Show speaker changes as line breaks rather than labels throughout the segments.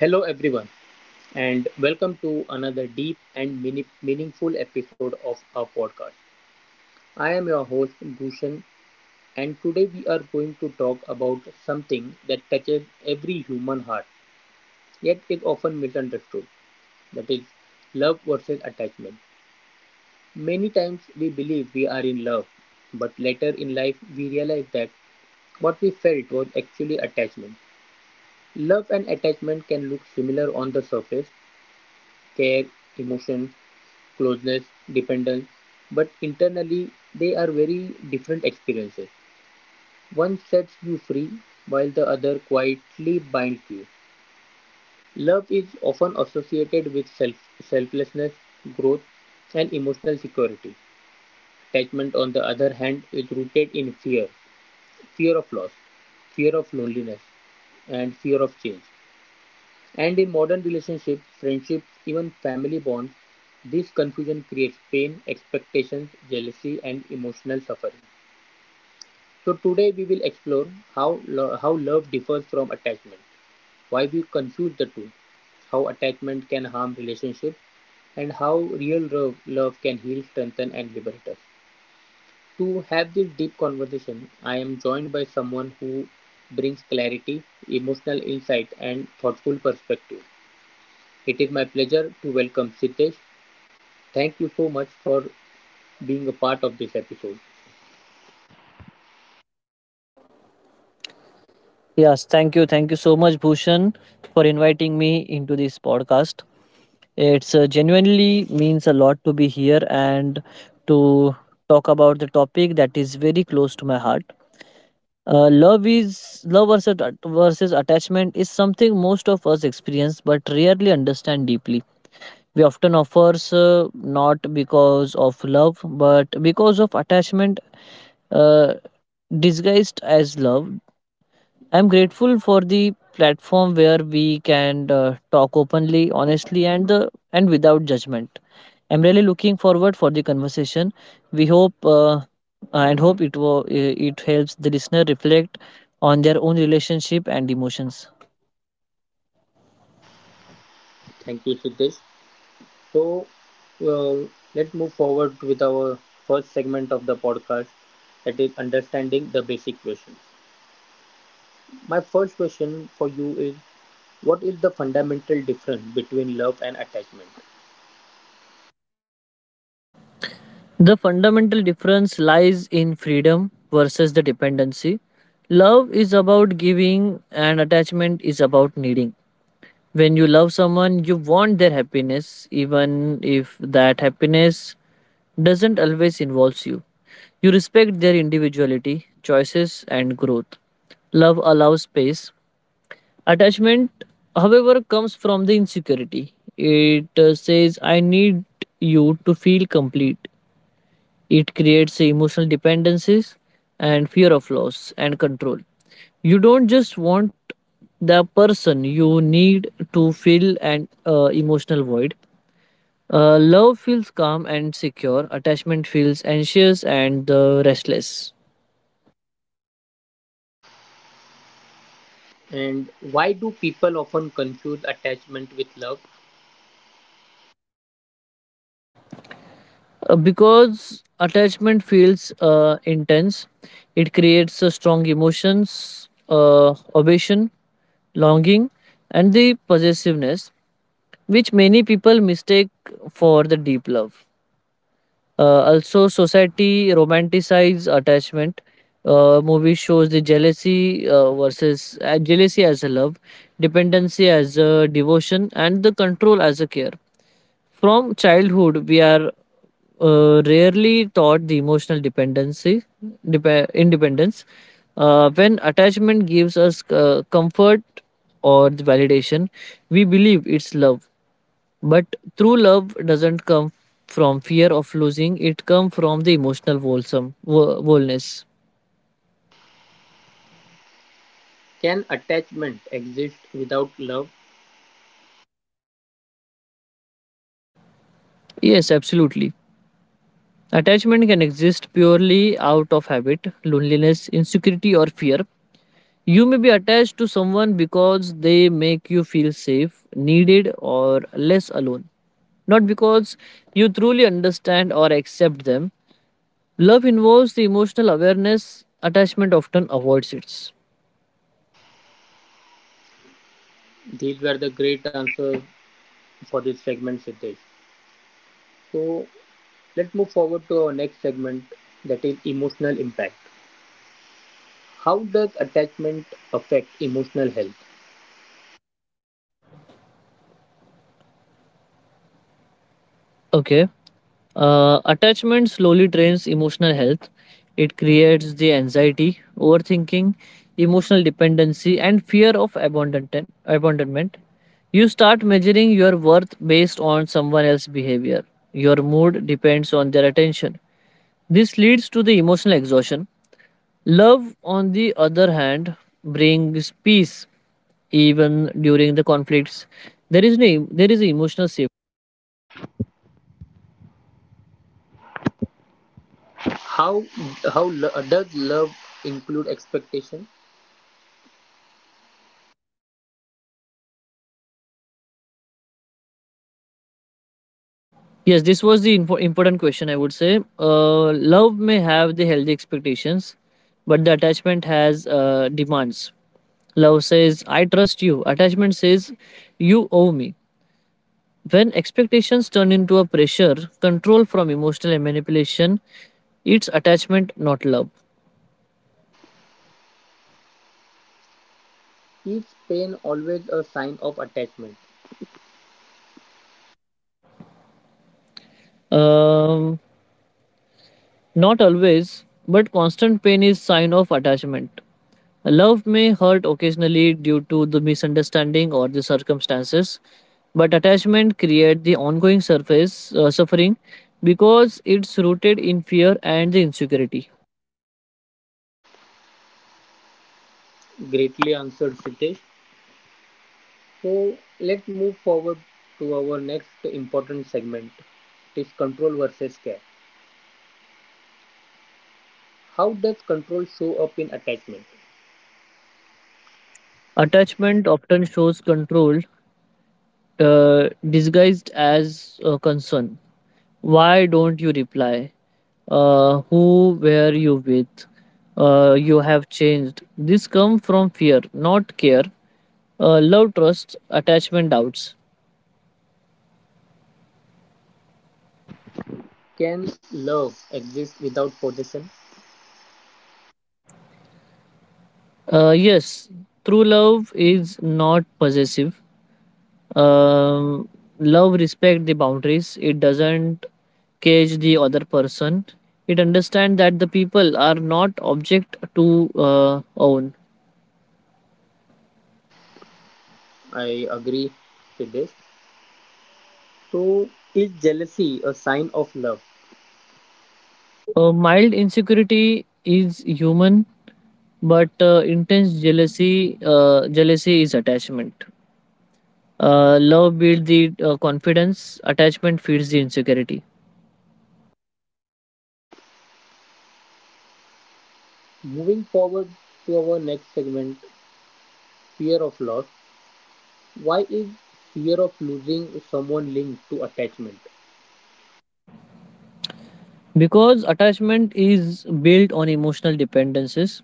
Hello, everyone, and welcome to another deep and meaningful episode of our podcast. I am your host, Bhushan, and today we are going to talk about something that touches every human heart, yet is often misunderstood, that is, love versus attachment. Many times we believe we are in love, but later in life we realize that what we felt was actually attachment. Love and attachment can look similar on the surface: care, emotion, closeness, dependence, but internally they are very different experiences. One sets you free while the other quietly binds you. Love is often associated with self, selflessness, growth, and emotional security. Attachment, on the other hand, is rooted in fear: fear of loss, fear of loneliness, and fear of change. And in modern relationships, friendships, even family bonds, this confusion creates pain, expectations, jealousy, and emotional suffering. So today we will explore how love differs from attachment, why we confuse the two, how attachment can harm relationships, and how real love, love can heal, strengthen, and liberate us. To have this deep conversation, I am joined by someone who brings clarity, emotional insight, and thoughtful perspective. It is my pleasure to welcome Siddesh. Thank you so much for being a part of this episode.
Yes, thank you. Thank you so much, Bhushan, for inviting me into this podcast. It's genuinely means a lot to be here and to talk about the topic that is very close to my heart. Love is love versus attachment is something most of us experience but rarely understand deeply. We often offers not because of love but because of attachment uh, disguised as love. I'm grateful for the platform where we can talk openly, honestly, and without judgment. I'm really looking forward for the conversation. We hope it will it helps the listener reflect on their own relationship and emotions.
Thank you, Siddesh. So, uh, let's move forward with our first segment of the podcast, that is understanding the basic question. My first question for you is, what is the fundamental difference between love and attachment?
The fundamental difference lies in freedom versus the dependency. Love is about giving, and attachment is about needing. When you love someone, you want their happiness, even if that happiness doesn't always involve you. You respect their individuality, choices, and growth. Love allows space. Attachment, however, comes from the insecurity. It says, I need you to feel complete. It creates emotional dependencies and fear of loss and control. You don't just want the person, you need to fill an emotional void. Love feels calm and secure, attachment feels anxious and restless.
And why do people often confuse attachment with love?
Because attachment feels intense, it creates strong emotions, obsession, longing, and the possessiveness, which many people mistake for the deep love. Also, society romanticizes attachment. Movie shows the jealousy versus jealousy as a love, dependency as a devotion, and the control as a care. From childhood, we are rarely taught the emotional dependency, independence. When attachment gives us comfort or the validation, we believe it's love. But true love doesn't come from fear of losing; it comes from the emotional wholeness.
Can attachment exist without love?
Yes, absolutely. Attachment can exist purely out of habit, loneliness, insecurity, or fear. You may be attached to someone because they make you feel safe, needed, or less alone, not because you truly understand or accept them. Love involves the emotional awareness attachment often avoids it.
These were the great answers for this segment, Siddesh. So let's move forward to our next segment, that is emotional impact. How does attachment affect emotional health?
Okay. Attachment slowly drains emotional health. It creates the anxiety, overthinking, emotional dependency, and fear of abandonment. You start measuring your worth based on someone else's behavior. Your mood depends on their attention. This leads to the emotional exhaustion. Love, on the other hand, brings peace even during the conflicts. There is no, there is emotional safety.
How how does love include expectation?
Yes, this was the important question I would say. Love may have the healthy expectations, but the attachment has demands. Love says, I trust you. Attachment says, you owe me. When expectations turn into a pressure, control from emotional manipulation, it's attachment, not love.
Is pain always a sign of attachment?
Um, Not always, but constant pain is sign of attachment. Love may hurt occasionally due to the misunderstanding or the circumstances, but attachment creates the ongoing surface suffering because it's rooted in fear and the insecurity.
Greatly answered, Sitesh. So let's move forward to our next important segment. It is control versus care. How does control show up in attachment?
Attachment often shows control disguised as concern. Why don't you reply? Who were you with? You have changed. This comes from fear, not care. Love, trust, attachment, doubts.
Can love exist without possession?
Yes, true love is not possessive. Um, love respect the boundaries. It doesn't cage the other person. It understands that the people are not object to own.
I agree with this. So, is jealousy a sign of love?
Mild insecurity is human, but intense jealousy is attachment. Love builds the confidence. Attachment feeds the insecurity
Moving forward to our next segment, fear of loss. Why is fear of losing someone linked to attachment?
because attachment is built on emotional dependencies.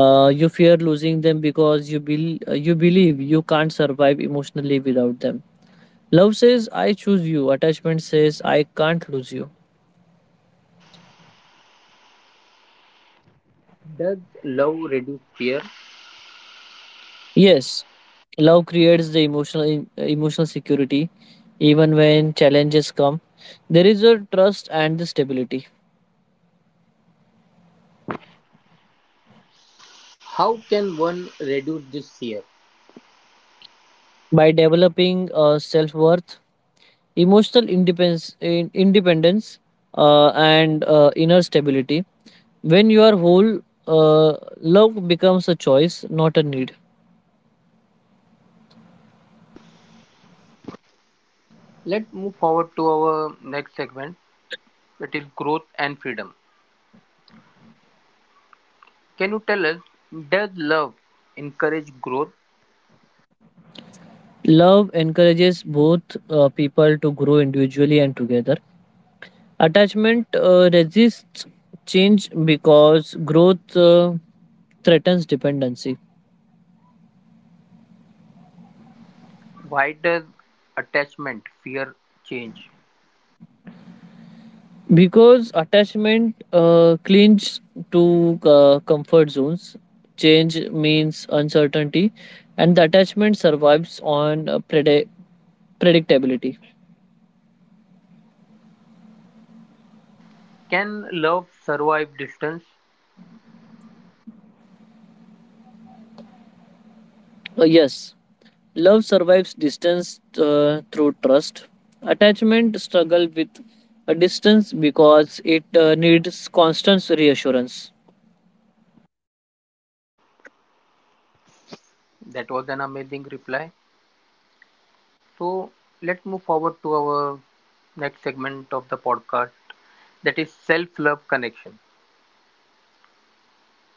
You fear losing them because you believe you can't survive emotionally without them. Love says, "I choose you." Attachment says, "I can't lose you."
Does love reduce fear?
Yes, love creates the emotional security even when challenges come. There is a trust and the stability.
How can one reduce this fear?
By developing self worth, emotional independence, and inner stability. When you are whole, uh, love becomes a choice, not a need.
Let's move forward to our next segment, that is growth and freedom. Can you tell us, does love encourage growth?
Love encourages both people to grow individually and together. Attachment resists change because growth threatens dependency.
Why does attachment fear change?
Because attachment clings to comfort zones, change means uncertainty, and the attachment survives on predictability.
Can love survive distance?
Yes, love survives distance through trust. Attachment struggle with a distance because it needs constant reassurance.
That was an amazing reply. So let's move forward to our next segment of the podcast, that is self love connection.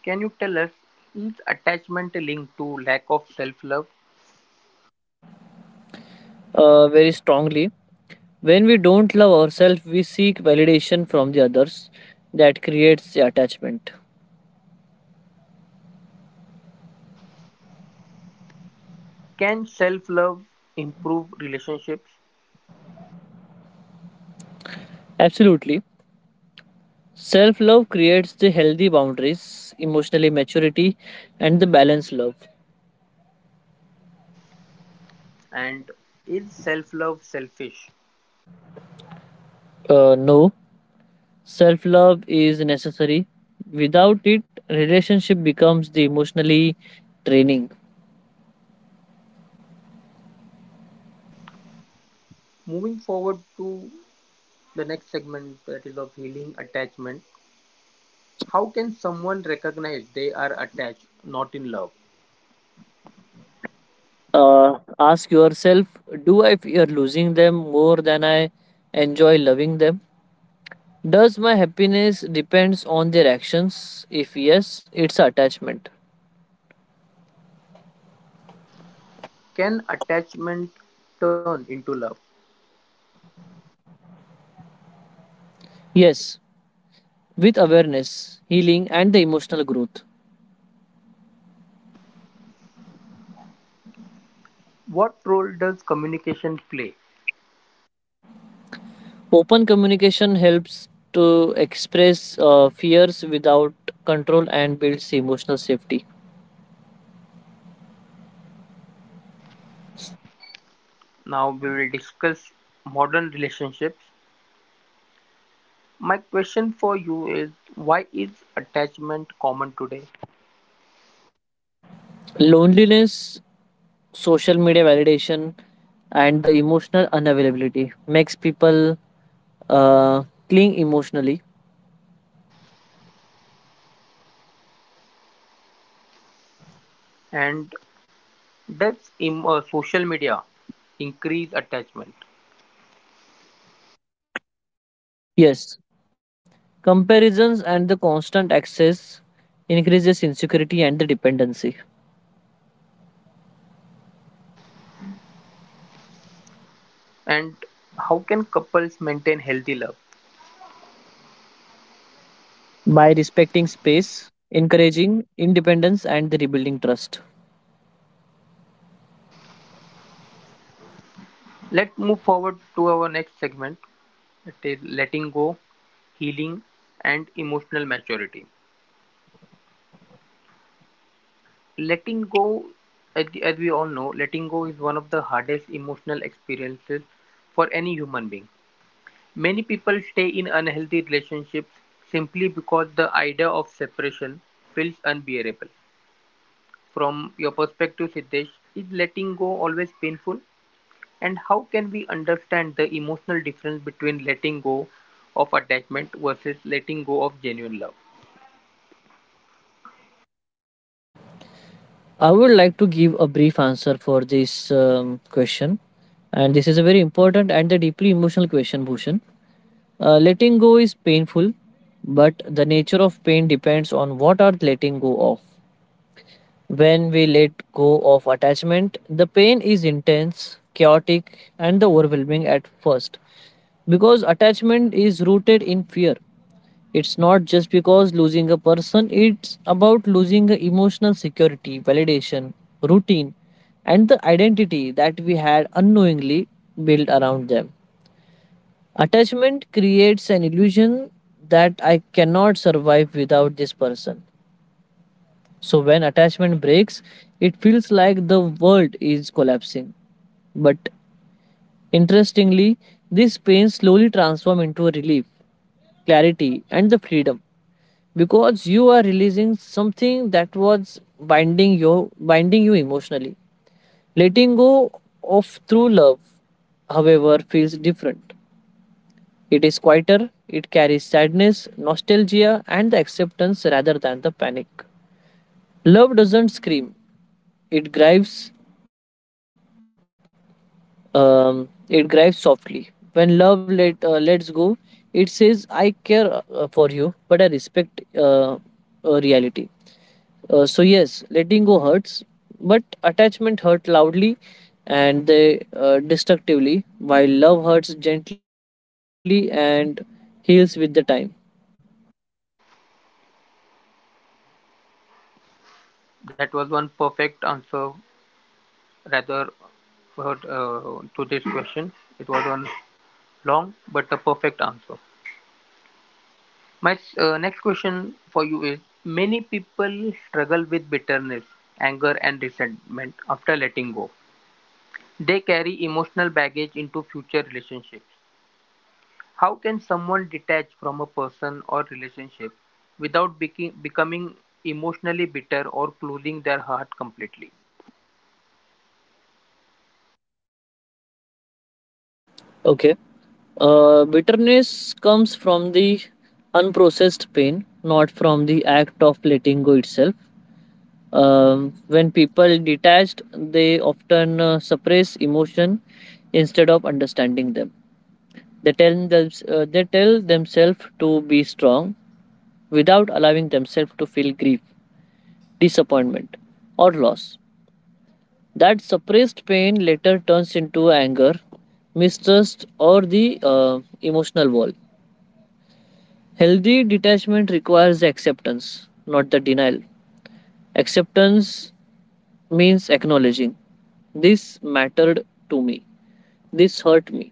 Can you tell us, is attachment linked to lack of self love?
Uh, very strongly. When we don't love ourselves, we seek validation from the others that creates the attachment.
Can self love improve relationships?
Absolutely. Self love creates the healthy boundaries, emotional maturity, and the balanced love.
And is self love selfish?
No, self love is necessary. Without it, relationship becomes the emotionally draining.
Moving forward to the next segment, that is of healing attachment. How can someone recognize they are attached, not in love?
Ask yourself, do I fear losing them more than I enjoy loving them? Does my happiness depends on their actions? If yes, it's attachment.
Can attachment turn into love?
Yes, with awareness, healing, and the emotional growth.
What role does communication play?
Open communication helps to express fears without control and builds emotional safety.
Now we will discuss modern relationships. My question for you is, why is attachment common today?
Loneliness, social media validation, and the emotional unavailability makes people uh, cling emotionally.
And does social media increase attachment?
Yes, comparisons and the constant access increases insecurity and the dependency.
And how can couples maintain healthy love?
By respecting space, encouraging independence and the rebuilding trust.
Let's move forward to our next segment, that is letting go, healing, and emotional maturity. Letting go, as we all know, letting go is one of the hardest emotional experiences for any human being. Many people stay in unhealthy relationships simply because the idea of separation feels unbearable. From your perspective, Siddesh, is letting go always painful? And how can we understand the emotional difference between letting go of attachment versus letting go of genuine love?
I would like to give a brief answer for this question, and this is a very important and a deeply emotional question, Bhushan. Letting go is painful, but the nature of pain depends on what are letting go of. When we let go of attachment, the pain is intense, chaotic, and overwhelming at first because attachment is rooted in fear. It's not just because losing a person, it's about losing the emotional security, validation, routine, and the identity that we had unknowingly built around them. Attachment creates an illusion that I cannot survive without this person. So when attachment breaks, it feels like the world is collapsing. But interestingly, this pain slowly transforms into a relief, clarity, and the freedom because you are releasing something that was binding you emotionally. Letting go of true love, however, feels different. It is quieter, it carries sadness, nostalgia, and the acceptance rather than the panic. Love doesn't scream, it grieves, it grieves softly. When love lets go, it says, I care for you, but I respect reality. So, yes, letting go hurts, but attachment hurt loudly and they destructively, while love hurts gently and heals with the time.
That was one perfect answer, rather to this question. It was on long but a perfect answer. My next question for you is, many people struggle with bitterness, anger, and resentment after letting go. They carry emotional baggage into future relationships. How can someone detach from a person or relationship without becoming emotionally bitter or closing their heart completely?
Okay. Bitterness comes from the unprocessed pain, not from the act of letting go itself. When people detached, they often suppress emotion instead of understanding them. They tell themselves to be strong without allowing themselves to feel grief, disappointment, or loss. That suppressed pain later turns into anger, mistrust, or the emotional wall. Healthy detachment requires acceptance, not the denial. Acceptance means acknowledging this mattered to me, this hurt me,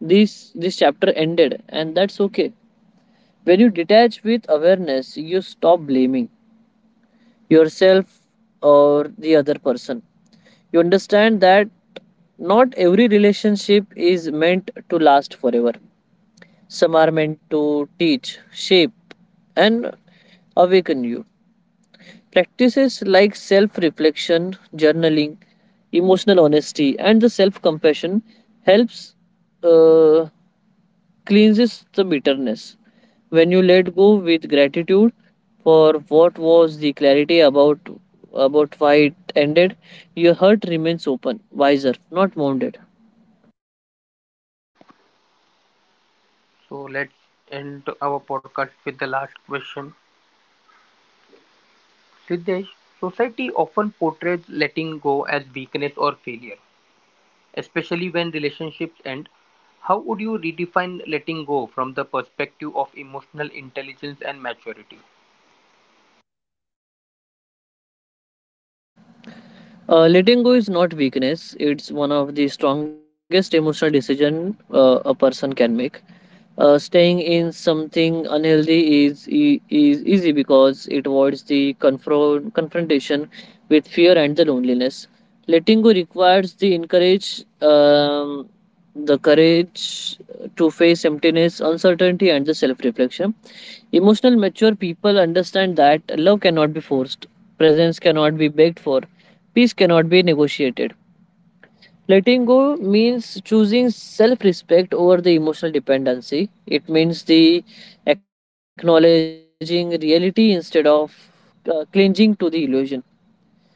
this chapter ended, and that's okay. When you detach with awareness, you stop blaming yourself or the other person. You understand that not every relationship is meant to last forever. Some are meant to teach, shape, and awaken you. Practices like self reflection, journaling, emotional honesty, and the self compassion helps uh, cleanses the bitterness. When you let go with gratitude for what was, the clarity about why it ended, your heart remains open, wiser, not wounded.
So let's end our podcast with the last question, Siddesh, society often portrays letting go as weakness or failure, especially when relationships end. How would you redefine letting go from the perspective of emotional intelligence and maturity?
Letting go is not weakness. It's one of the strongest emotional decision a person can make. Staying in something unhealthy is is easy because it avoids the confrontation with fear and the loneliness. Letting go requires the encourage. The courage to face emptiness, uncertainty, and the self reflection. Emotional mature people understand that love cannot be forced, presence cannot be begged for, peace cannot be negotiated. Letting go means choosing self respect over the emotional dependency. It means the acknowledging reality instead of clinging to the illusion.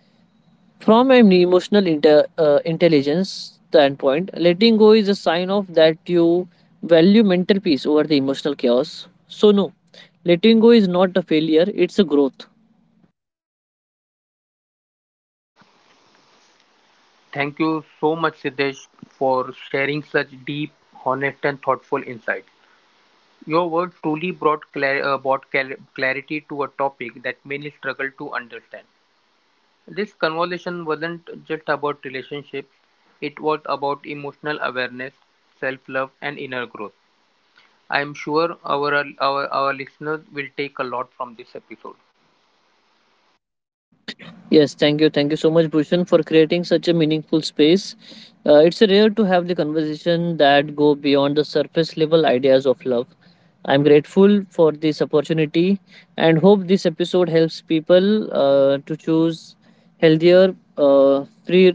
From an emotional intelligence standpoint, letting go is a sign of that you value mental peace over the emotional chaos. So, no, letting go is not a failure, it's a growth.
Thank you so much, Siddesh, for sharing such deep, honest, and thoughtful insights. Your words truly brought clarity to a topic that many struggle to understand. This conversation wasn't just about relationships, it was about emotional awareness, self-love and inner growth. I am sure our listeners will take a lot from this episode.
Yes, thank you. Thank you so much, Bhushan, for creating such a meaningful space. It's rare to have the conversation that go beyond the surface level ideas of love. I'm grateful for this opportunity and hope this episode helps people to choose healthier,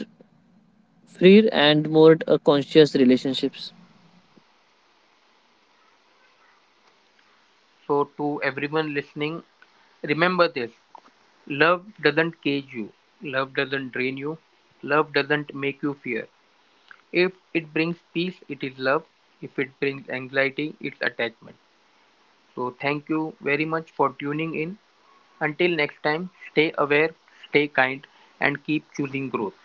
freer and more conscious relationships.
So to everyone listening, remember this. Love doesn't cage you. Love doesn't drain you. Love doesn't make you fear. If it brings peace, it is love. If it brings anxiety, it's attachment. So thank you very much for tuning in. Until next time, stay aware, stay kind, and keep choosing growth.